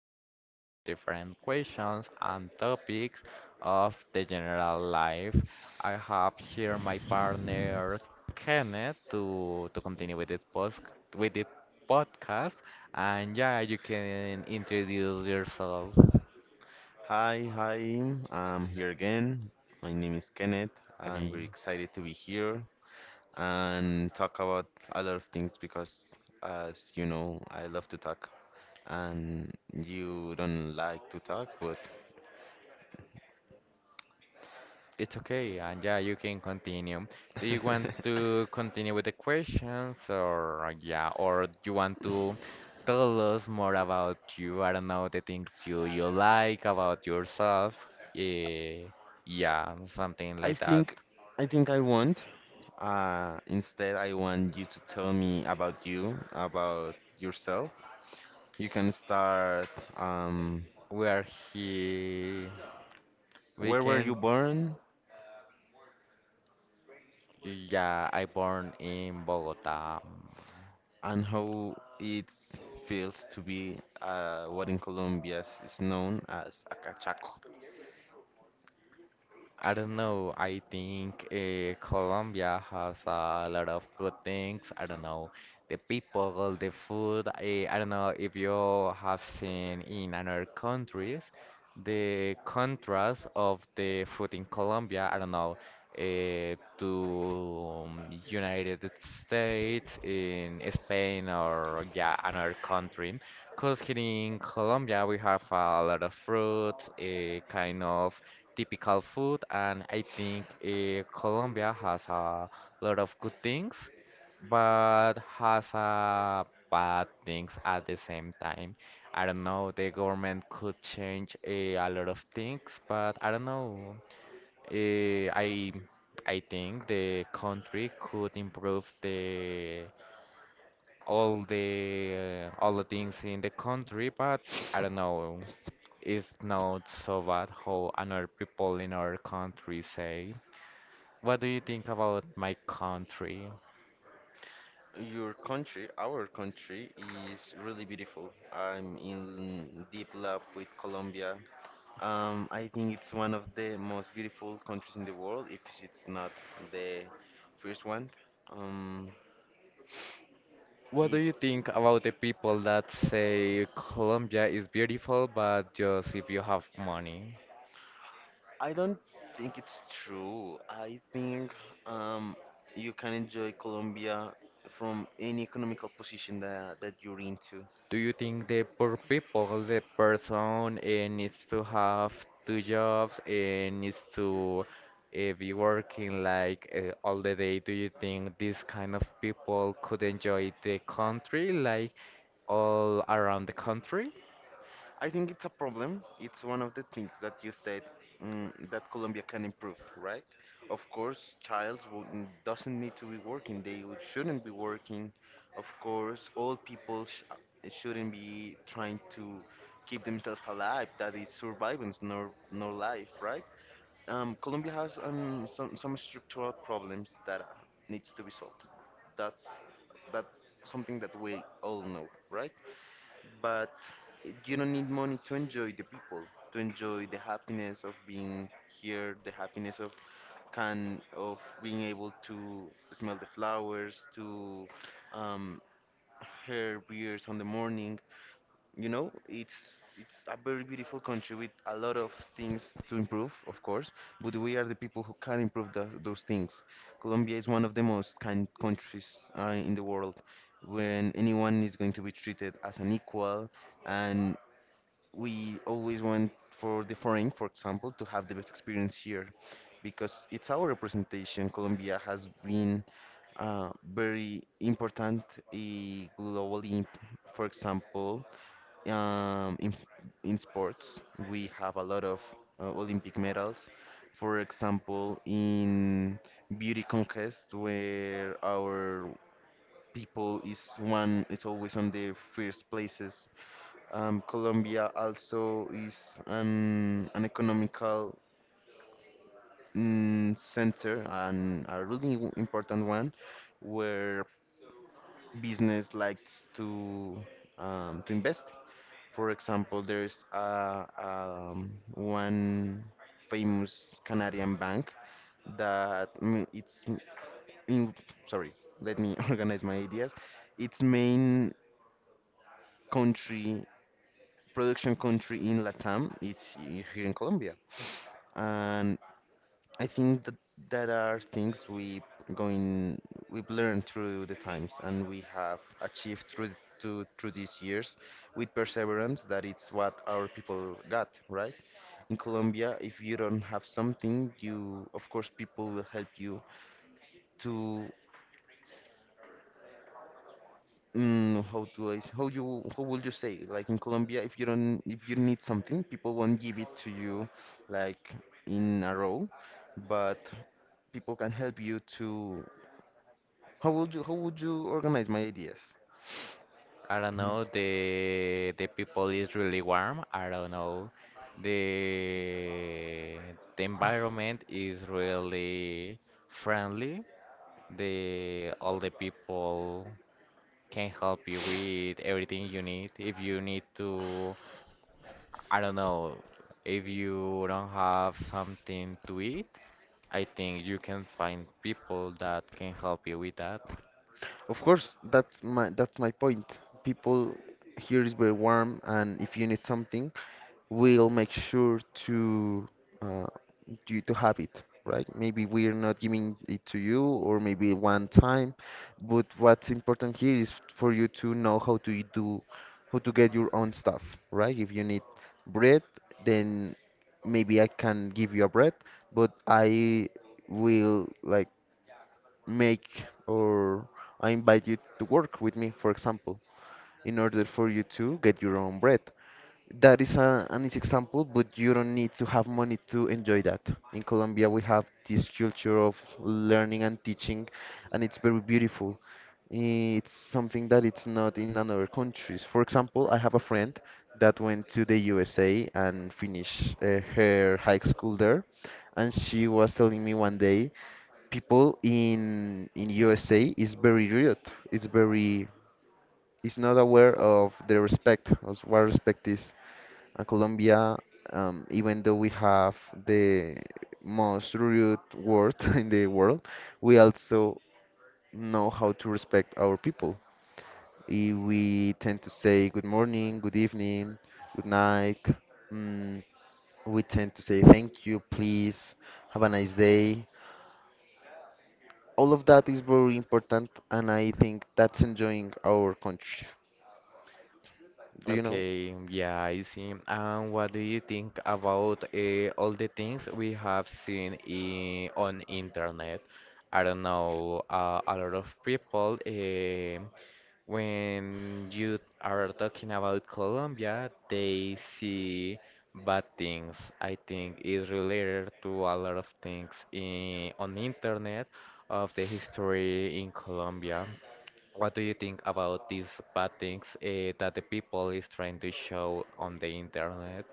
to talk about different questions and topics of the general life. I have here my partner Kenneth to continue with it post with the podcast. And yeah, you can introduce yourself Hi. I'm here again. My name is Kenneth. I'm again. very excited to be here and talk about a lot of things because, as you know, I love to talk and you don't like to talk, but It's okay, and yeah, you can continue. Do you want to continue with the questions, or yeah, or do you want to tell us more about you? I don't know the things you like about yourself. eh, yeah, something I like that. think I think I want. Instead, I want you to tell me about you, about yourself. You can start. Um, Where he we where were can you born? Yeah, I born in Bogota. And how it feels to be what in Colombia is known as a cachaco. I don't know. I think Colombia has a lot of good things. I don't know. The people, the food. I don't know if you have seen in other countries the contrast of the food in Colombia. I don't know. To United States, in Spain, or yeah, another country. Because here in Colombia we have a lot of fruit, a kind of typical food, and I think Colombia has a lot of good things, but has a bad things at the same time. I don't know, the government could change a lot of things, but I don't know. Eh, I I think the country could improve the all the eh, all the things in the country, but I don't know. It's not so bad how another people in our country say. What do you think about my country? Your country, our country, is really beautiful. I'm in deep love with Colombia. I think it's one of the most beautiful countries in the world, if it's not the first one. Um, What do you it's think about the people that say Colombia is beautiful, but just if you have money? I don't think it's true. I think um, you can enjoy Colombia from any economical position that you're into. Do you think the poor people, the person needs to have two jobs and needs to be working like all the day? Do you think this kind of people could enjoy the country, like all around the country? I think it's a problem. It's one of the things that you said that Colombia can improve, right? Of course, child doesn't need to be working. Shouldn't be working. Of course, all people sh shouldn't be trying to keep themselves alive. That is survivance, nor life, right? Colombia has some structural problems that needs to be solved. That's that something that we all know, right? But you don't need money to enjoy the people, to enjoy the happiness of being here, the happiness of can of being able to smell the flowers, to um, hear beers on the morning. You know, it's a very beautiful country with a lot of things to improve, of course, but we are the people who can improve those things. Colombia is one of the most kind countries in the world, when anyone is going to be treated as an equal, and we always want for the foreign, for example, to have the best experience here, because it's our representation. Colombia has been very important uh, globally. For example um, in, in sports, we have a lot of Olympic medals. For example, in beauty contest, where our people is always on the first places. Colombia also is an economical center and a really important one, where business likes to invest. For example, there's a one famous Canadian bank that in, sorry, let me organize my ideas. Its country, production country in Latam, it's here in Colombia. And I think that that are things we going we've learned through the times and we have achieved through these years with perseverance that it's what our people got, right? In Colombia, if you don't have something, you of course people will help you to mm, how do I s- how you how would you say, like in Colombia, if you need something, people won't give it to you like in a row, but people can help you to. How would you, how would you organize my ideas? I don't know. The people is really warm. I don't know. The the environment is really friendly. The all the people. Can help you with everything you need. If you need to, I don't know, if you don't have something to eat, I think you can find people that can help you with that. Of course, that's my point. People here is very warm, and if you need something, we'll make sure to uh, you to have it, right? Maybe we're not giving it to you, or maybe one time, but what's important here is for you to know how to do, how to get your own stuff, right? If you need bread, then maybe I can give you a bread, but I will like make, or I invite you to work with me, for example, in order for you to get your own bread. That is an easy example, but you don't need to have money to enjoy that. In Colombia, we have this culture of learning and teaching, and it's very beautiful. It's something that it's not in other countries. For example, I have a friend that went to the USA and finished her high school there, and she was telling me one day people in USA is very rude. It's very is not aware of the respect of what respect is. And Colombia, even though we have the most rude world in the world, we also know how to respect our people. We tend to say good morning, good evening, good night. Mm, we tend to say thank you, please, have a nice day. All of that is very important, and I think that's enjoying our country. Do you know? Okay, yeah, I see. And what do you think about all the things we have seen on internet? I don't know, a lot of people. When you are talking about Colombia, they see bad things. I think it's related to a lot of things on the internet of the history in Colombia. What do you think about these bad things that the people is trying to show on the internet?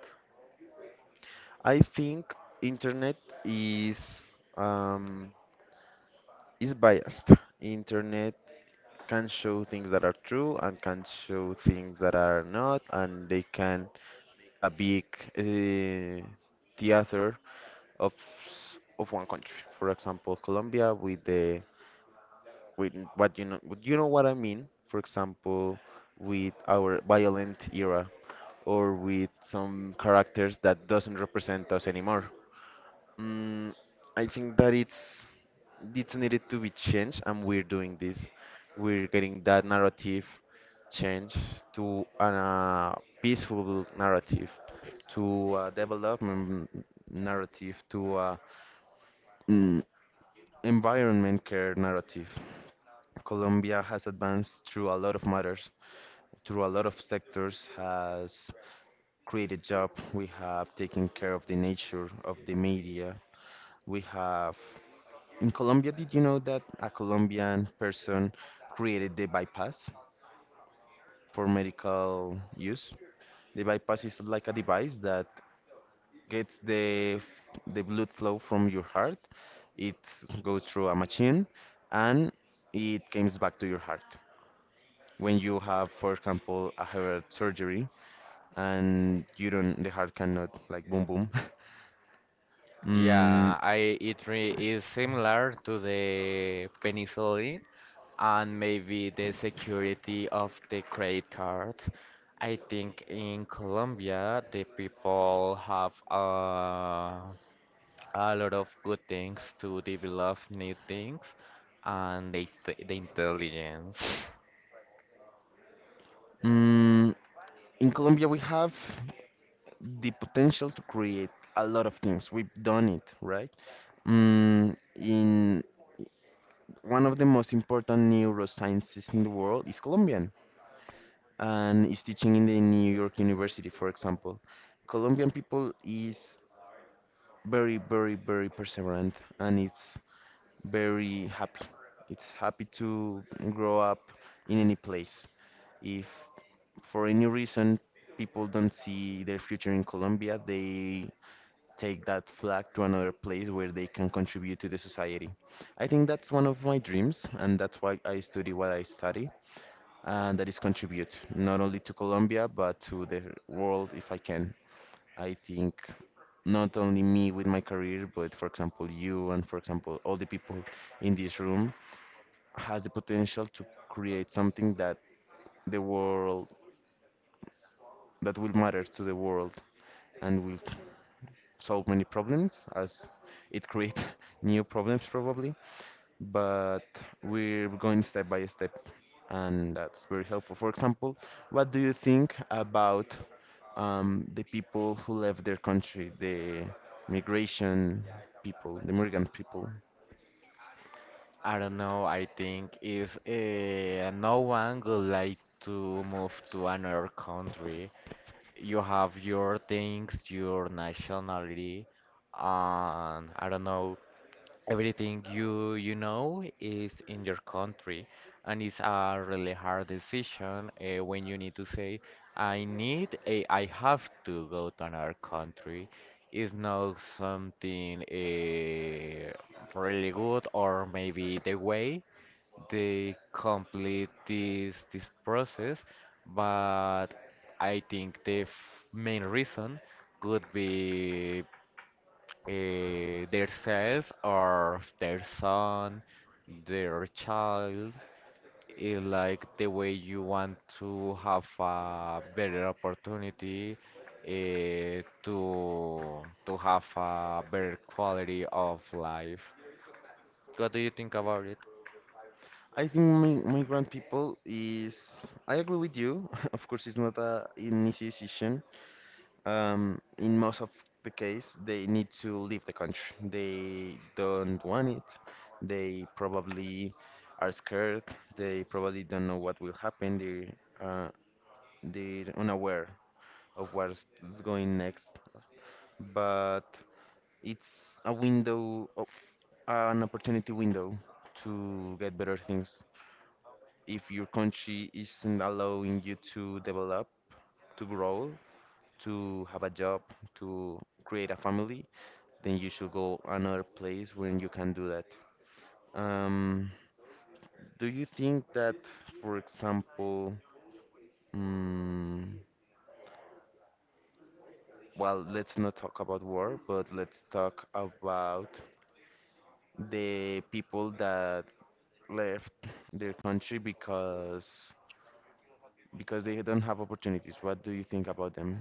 I think internet is um, is biased. Internet can show things that are true and can show things that are not, and they can make a big uh, theater of one country, for example Colombia, with the, with what, you know, you know what I mean, for example, with our violent era, or with some characters that doesn't represent us anymore. Mm, I think that it's needed to be changed, and we're doing this. We're getting that narrative change to a peaceful narrative, to a development narrative, to a mm, environment care narrative. Colombia has advanced through a lot of matters, through a lot of sectors, has created job, we have taken care of the nature of the media. We have in Colombia, did you know that a Colombian person created the bypass for medical use? The bypass is like a device that gets the blood flow from your heart. It goes through a machine, and it comes back to your heart. When you have, for example, a heart surgery and you don't, the heart cannot like boom boom. Mm, Yeah, I it re is similar to the penicillin and maybe the security of the credit card. I think in Colombia, the people have a lot of good things to develop new things and the intelligence. Mm, in Colombia, we have the potential to create a lot of things. We've done it, right? In one of the most important neurosciences in the world is Colombian and is teaching in the New York University, for example. Colombian people is very, very, very perseverant, and it's very happy. It's happy to grow up in any place. If for any reason people don't see their future in Colombia, they take that flag to another place where they can contribute to the society. I think that's one of my dreams, and that's why I study what I study, and that is contribute not only to Colombia but to the world if I can. I think not only me with my career, but for example you, and for example all the people in this room, has the potential to create something that the world that will matter to the world and will solve many problems as it creates new problems probably, but we're going step by step, and that's very helpful. For example, what do you think about the people who left their country, the migration people, the migrant people? I don't know, I think is no one would like to move to another country. You have your things, your nationality, and I don't know everything you know is in your country and it's a really hard decision when you need to say I have to go to another country is not something really good or maybe the way they complete this process, but I think the main reason could be themselves or their son, their child, is like the way you want to have a better opportunity to have a better quality of life. What do you think about it? I think migrant people is, I agree with you, of course it's not an easy decision. In most of the case, they need to leave the country. They don't want it. They probably are scared. They probably don't know what will happen. They're unaware of what's going next. But it's a window, an opportunity window to get better things. If your country isn't allowing you to develop, to grow, to have a job, to create a family, then you should go another place when you can do that. Um, do you think that, for example, mm, well, let's not talk about war, but let's talk about the people that left their country because they don't have opportunities. What do you think about them?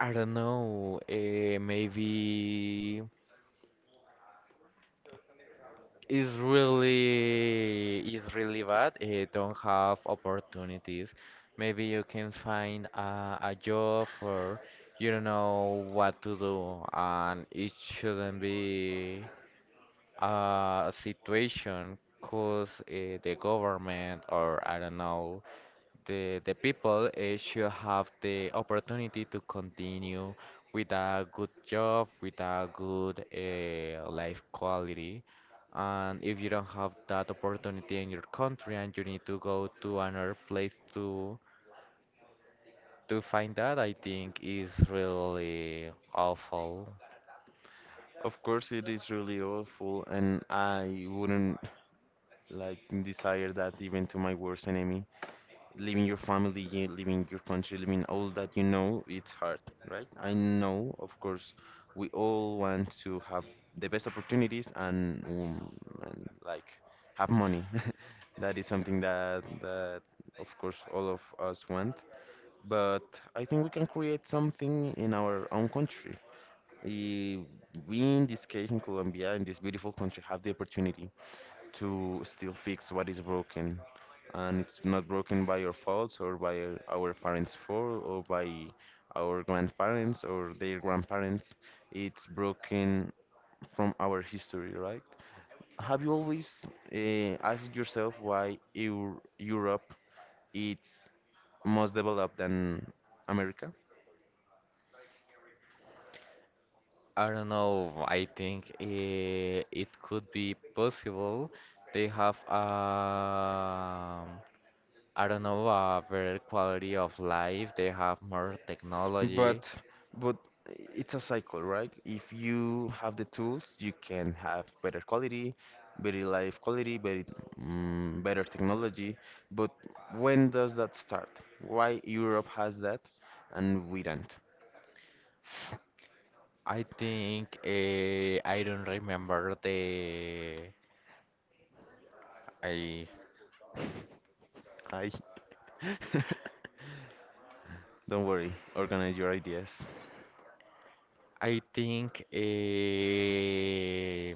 I don't know. Maybe it's really bad. Don't have opportunities. Maybe you can find a job or you don't know what to do, and it shouldn't be a situation because the government or I don't know the people should have the opportunity to continue with a good job, with a good life quality. And if you don't have that opportunity in your country and you need to go to another place to find that, I think is really awful. Of course, it is really awful, and I wouldn't like desire that even to my worst enemy. Leaving your family, leaving your country, leaving all that you know, it's hard, right? I know, of course, we all want to have the best opportunities and like have money. That is something that that of course all of us want. But I think we can create something in our own country. Eh, We, in this case, in Colombia, in this beautiful country, have the opportunity to still fix what is broken. And it's not broken by your faults, or by our parents' fault, or by our grandparents, or their grandparents. It's broken from our history, right? Have you always asked yourself why Eu Europe is more developed than America? I don't know. I think it could be possible. They have a, I don't know, a better quality of life. They have more technology. But but it's a cycle, right? If you have the tools, you can have better quality, better life quality, better, better technology. But when does that start? Why Europe has that and we don't? I think I don't remember the I Hi. Don't worry, organize your ideas. I think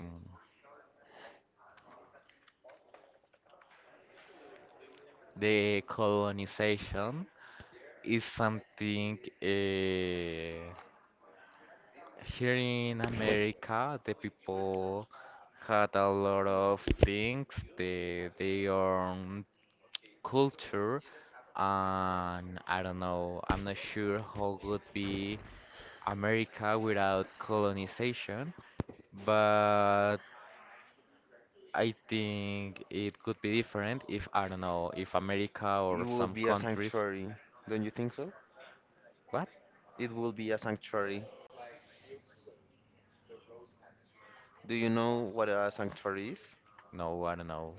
the colonization is something here in America the people had a lot of things they own culture, and I don't know, I'm not sure how would be America without colonization, but I think it could be different if I don't know, if America It or would some be a countries. sanctuary, don't you think so? What? It will be a sanctuary. Do you know what a sanctuary is? No, I don't know.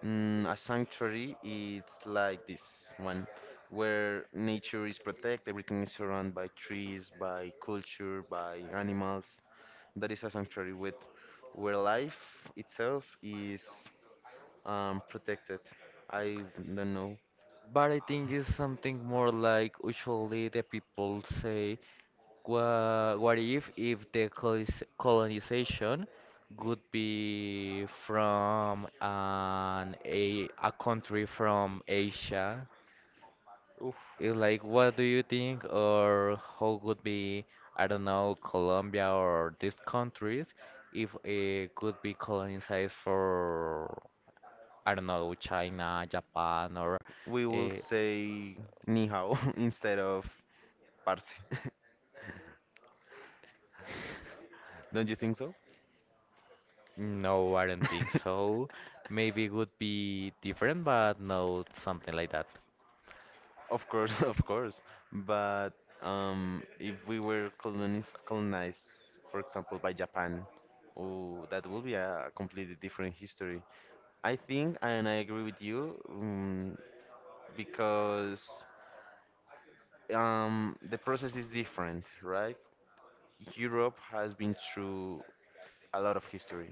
A sanctuary, it's like this one, where nature is protected, everything is surrounded by trees, by culture, by animals. That is a sanctuary, with where life itself is protected. I don't know. But I think it's something more like usually the people say what if the colonization would be from an a country from Asia? Oof. Like, what do you think, or how would be, I don't know, Colombia or these countries if it could be colonized for, I don't know, China, Japan, or We will uh, say ni hao instead of parce. Don't you think so? no, I don't think so. Maybe it would be different, but no, something like that. Of course, of course. But if we were colonized, for example, by Japan, oh, that would be a completely different history. I think, and I agree with you, because the process is different, right? Europe has been through a lot of history,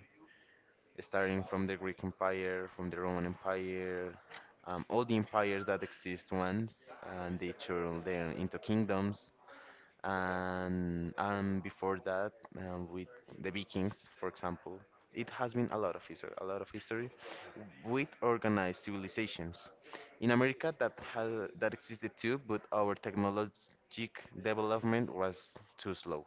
starting from the Greek Empire, from the Roman Empire, all the empires that exist once, and they turn them into kingdoms and before that with the Vikings, for example, it has been a lot of history, a lot of history with organized civilizations. In America, that existed too, but our technologic development was too slow.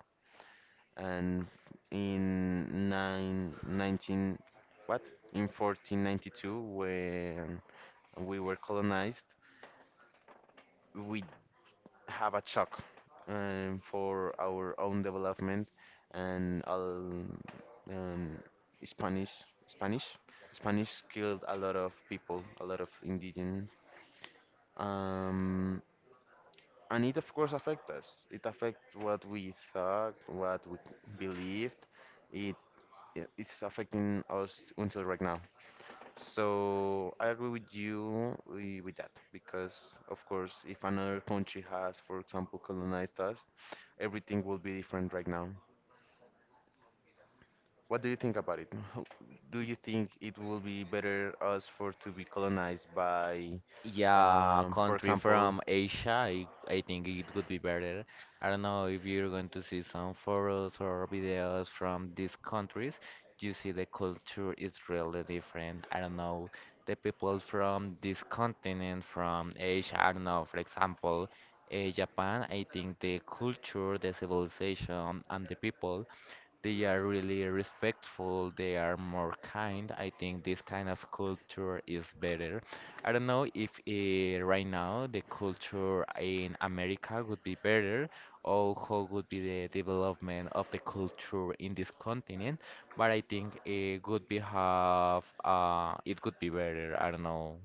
And in nine, 19, what? In 1492, when we were colonized, we have a chalk for our own development and all um, Spanish Spanish Spanish killed a lot of people, a lot of indigenous. Um, and it of course affects us. It affects what we thought, what we believed. It it's affecting us until right now. So I agree with you with that because of course if another country has, for example, colonized us, everything will be different right now. What do you think about it? Do you think it will be better us for to be colonized by, Yeah, for country example, from Asia, I think it would be better. I don't know if you're going to see some photos or videos from these countries. You see the culture is really different. I don't know. The people from this continent, from Asia, I don't know, for example, Japan, I think the culture, the civilization, and the people. They are really respectful. They are more kind. I think this kind of culture is better. I don't know if right now the culture in America would be better or how would be the development of the culture in this continent, but I think it could be better. I don't know.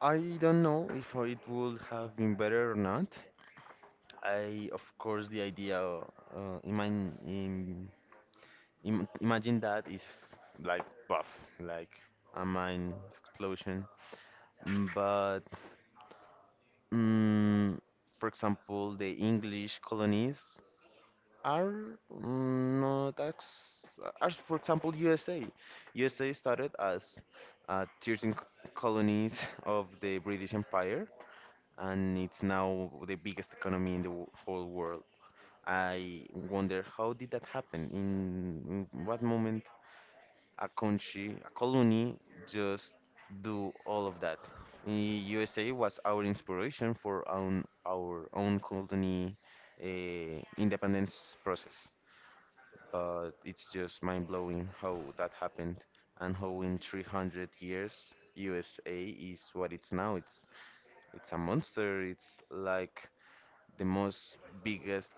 I don't know if it would have been better or not. I, of course, the idea, imagine that is like buff, like a mind explosion. But, mm, for example, the English colonies are not as, as for example USA. USA started as 13 colonies of the British Empire, and it's now the biggest economy in the whole world. I wonder how did that happen? In what moment a country, a colony, just do all of that? The USA was our inspiration for our own colony independence process, but it's just mind blowing how that happened and how in 300 years USA is what it's now. It's a monster. It's like the most biggest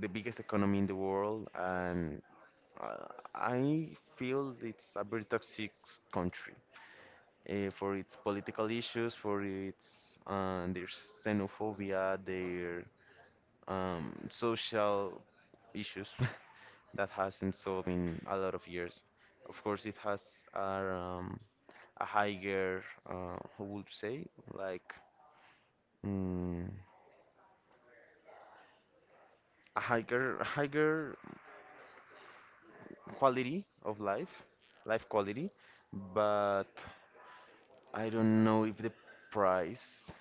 the biggest economy in the world, and uh, I feel it's a very toxic country for its political issues, for its their xenophobia, their social issues that hasn't solved in a lot of years. Of course, it has a higher, how would you say, like mm, a higher, higher quality of life, life quality, but I don't know if the price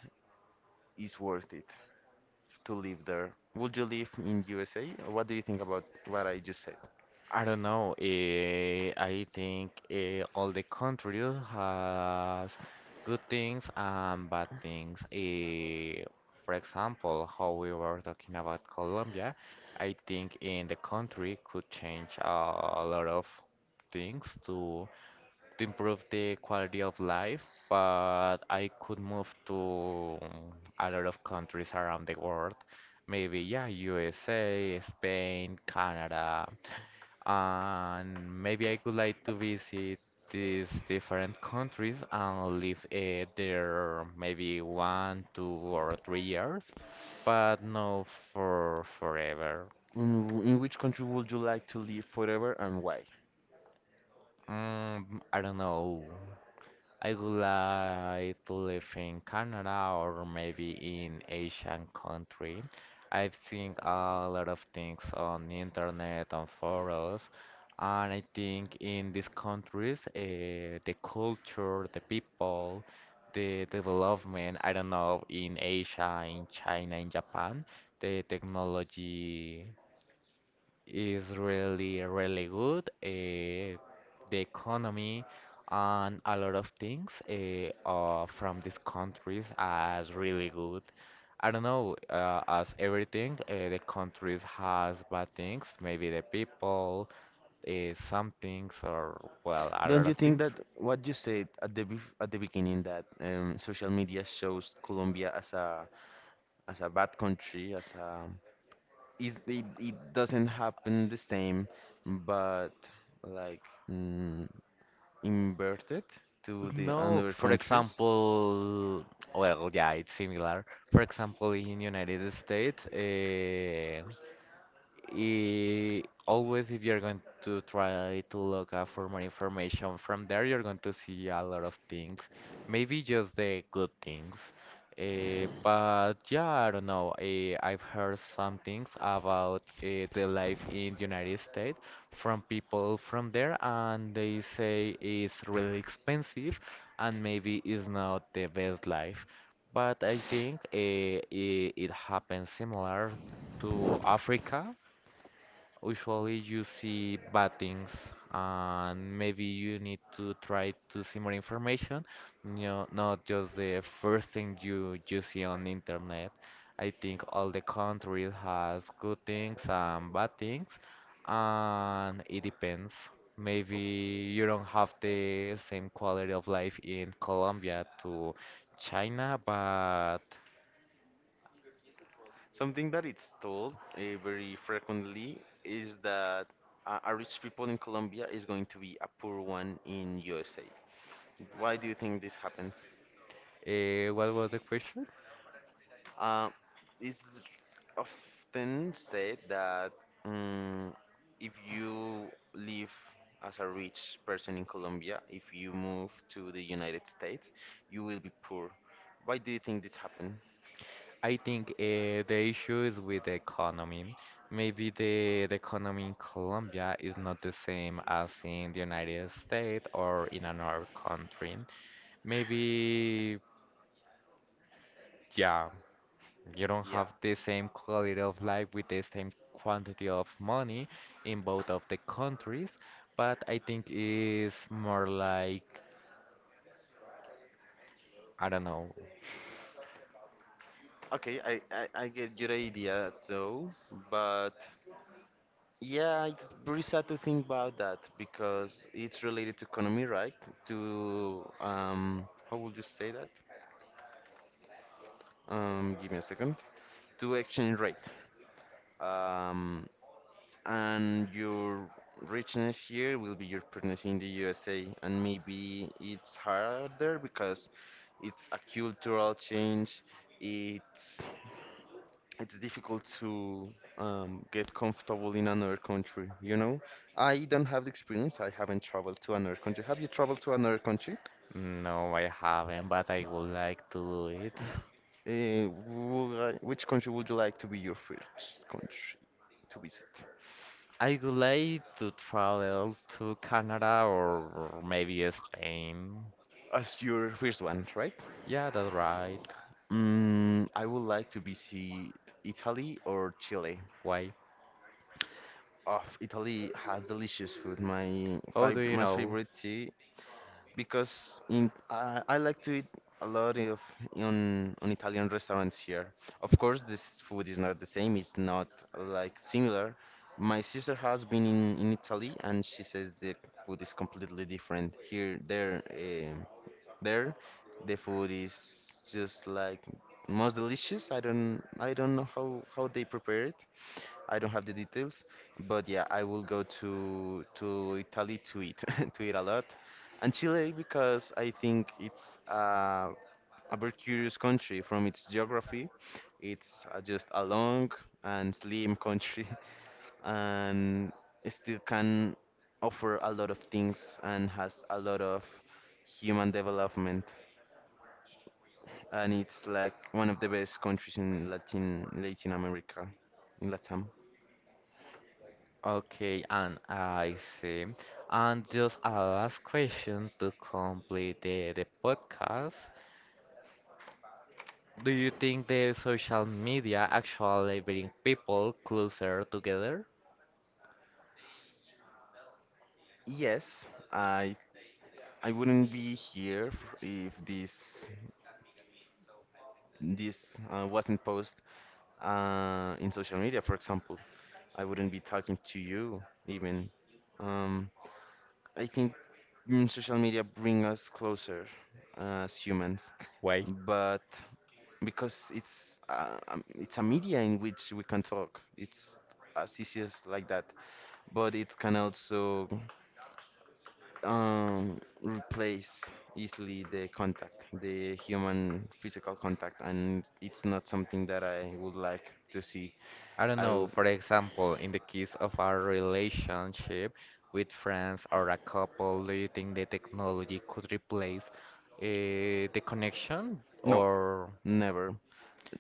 is worth it to live there. Would you live in USA? What do you think about what I just said? I don't know. I think all the countries has good things and bad things. For example, how we were talking about Colombia, I think in the country could change a lot of things to improve the quality of life. But I could move to a lot of countries around the world. Maybe yeah, USA, Spain, Canada, and maybe I would like to visit these different countries and live there maybe one, 2 or 3 years, but no for forever. In which country would you like to live forever and why? I don't know. I would like to live in Canada or maybe in Asian country. I've seen a lot of things on the internet and forums, and I think in these countries, the culture, the people, the development, I don't know, in Asia, in China, in Japan, the technology is really, really good. The economy and a lot of things from these countries are really good. I don't know, as everything, the countries has bad things, maybe the people, uh, some things, or well, a Don't lot you of think things. that what you said at the at the beginning that social media shows Colombia as a bad country as a is it, it doesn't happen the same but like mm, inverted to the No, other for countries, example, well, yeah, it's similar. For example, in United States, always if you're going to try to look up for more information from there, you're going to see a lot of things, maybe just the good things. But yeah, I don't know. I've heard some things about the life in the United States from people from there, and they say it's really expensive and maybe it's not the best life. But I think it happens similar to Africa. Usually you see bad things, and maybe you need to try to see more information. You know, not just the first thing you see on the internet. I think all the countries has good things and bad things, and it depends. Maybe you don't have the same quality of life in Colombia to China, but something that it's told very frequently is that a rich people in Colombia is going to be a poor one in USA, why do you think this happens? What was the question? Uh, it's often said that mm if you live as a rich person in Colombia, if you move to the United States, you will be poor. Why do you think this happened? I think the issue is with the economy. Maybe the economy in Colombia is not the same as in the United States or in another country. Maybe, yeah, you don't Yeah. have the same quality of life with the same quantity of money in both of the countries, but I think it's more like, I don't know. Okay, I get your idea though, but yeah, it's very sad to think about that because it's related to economy, right? To how would you say that? Give me a second. To exchange rate. um, and your richness here will be your partners in the USA, and maybe it's harder because it's a cultural change. It's it's difficult to get comfortable in another country. You know, I don't have the experience. I haven't traveled to another country. Have you traveled to another country? No, I haven't, but I would like to do it. Which country would you like to be your first country to visit? I would like to travel to Canada or maybe Spain. As your first one, right? Yeah, that's right. Mm, I would like to visit Italy or Chile. Why? Oh, Italy has delicious food. How do you My know? favorite tea, because in I like to eat a lot of on Italian restaurants here. Of course, this food is not the same. It's not like similar. My sister has been in Italy and she says the food is completely different here there. There. The food is just like most delicious. I don't know how they prepare it. I don't have the details, but yeah, I will go to Italy to eat to eat a lot, and Chile because I think it's a very curious country from its geography. It's just a long and slim country, and it still can offer a lot of things and has a lot of human development, and it's like one of the best countries in Latin America, in Latam. Okay, and I see. And just a last question to complete the podcast. Do you think the social media actually bring people closer together? Yes, I wouldn't be here if this wasn't posted in social media, for example. I wouldn't be talking to you even. Um, I think social media bring us closer as humans, Why? but because it's a media in which we can talk, it's as easy as like that. But it can also replace easily the contact, the human physical contact, and it's not something that I would like to see. I don't I know, w- for example, in the case of our relationship with friends or a couple, do you think the technology could replace the connection no, or? never.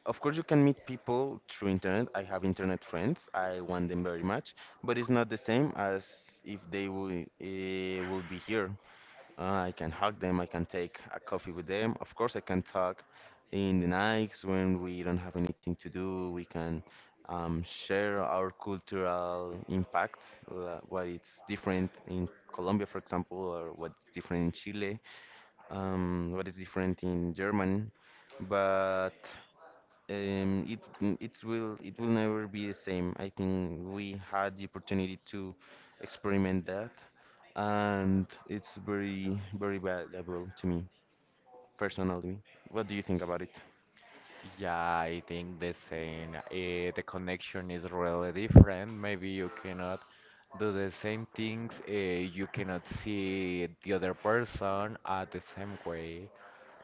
Of course, you can meet people through internet. I have internet friends. I want them very much, but it's not the same as if they will be here. I can hug them, I can take a coffee with them. Of course, I can talk in the nights when we don't have anything to do. We can share our cultural impact, what it's different in Colombia, for example, or what's different in Chile, what is different in Germany. But it it will never be the same. I think we had the opportunity to experiment that, and it's very very valuable to me personally. What do you think about it? Yeah, I think the same. The connection is really different. Maybe you cannot do the same things. You cannot see the other person at the same way.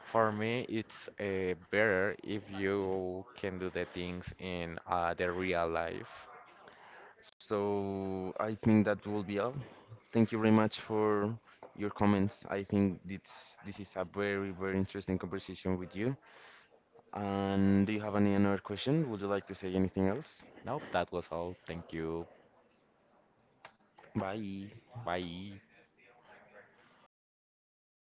For me, it's better if you can do the things in the real life. So I think that will be all. Thank you very much for your comments. I think this is a very very interesting conversation with you. And do you have any another question? Would you like to say anything else? Nope, that was all. Thank you. Bye. Bye.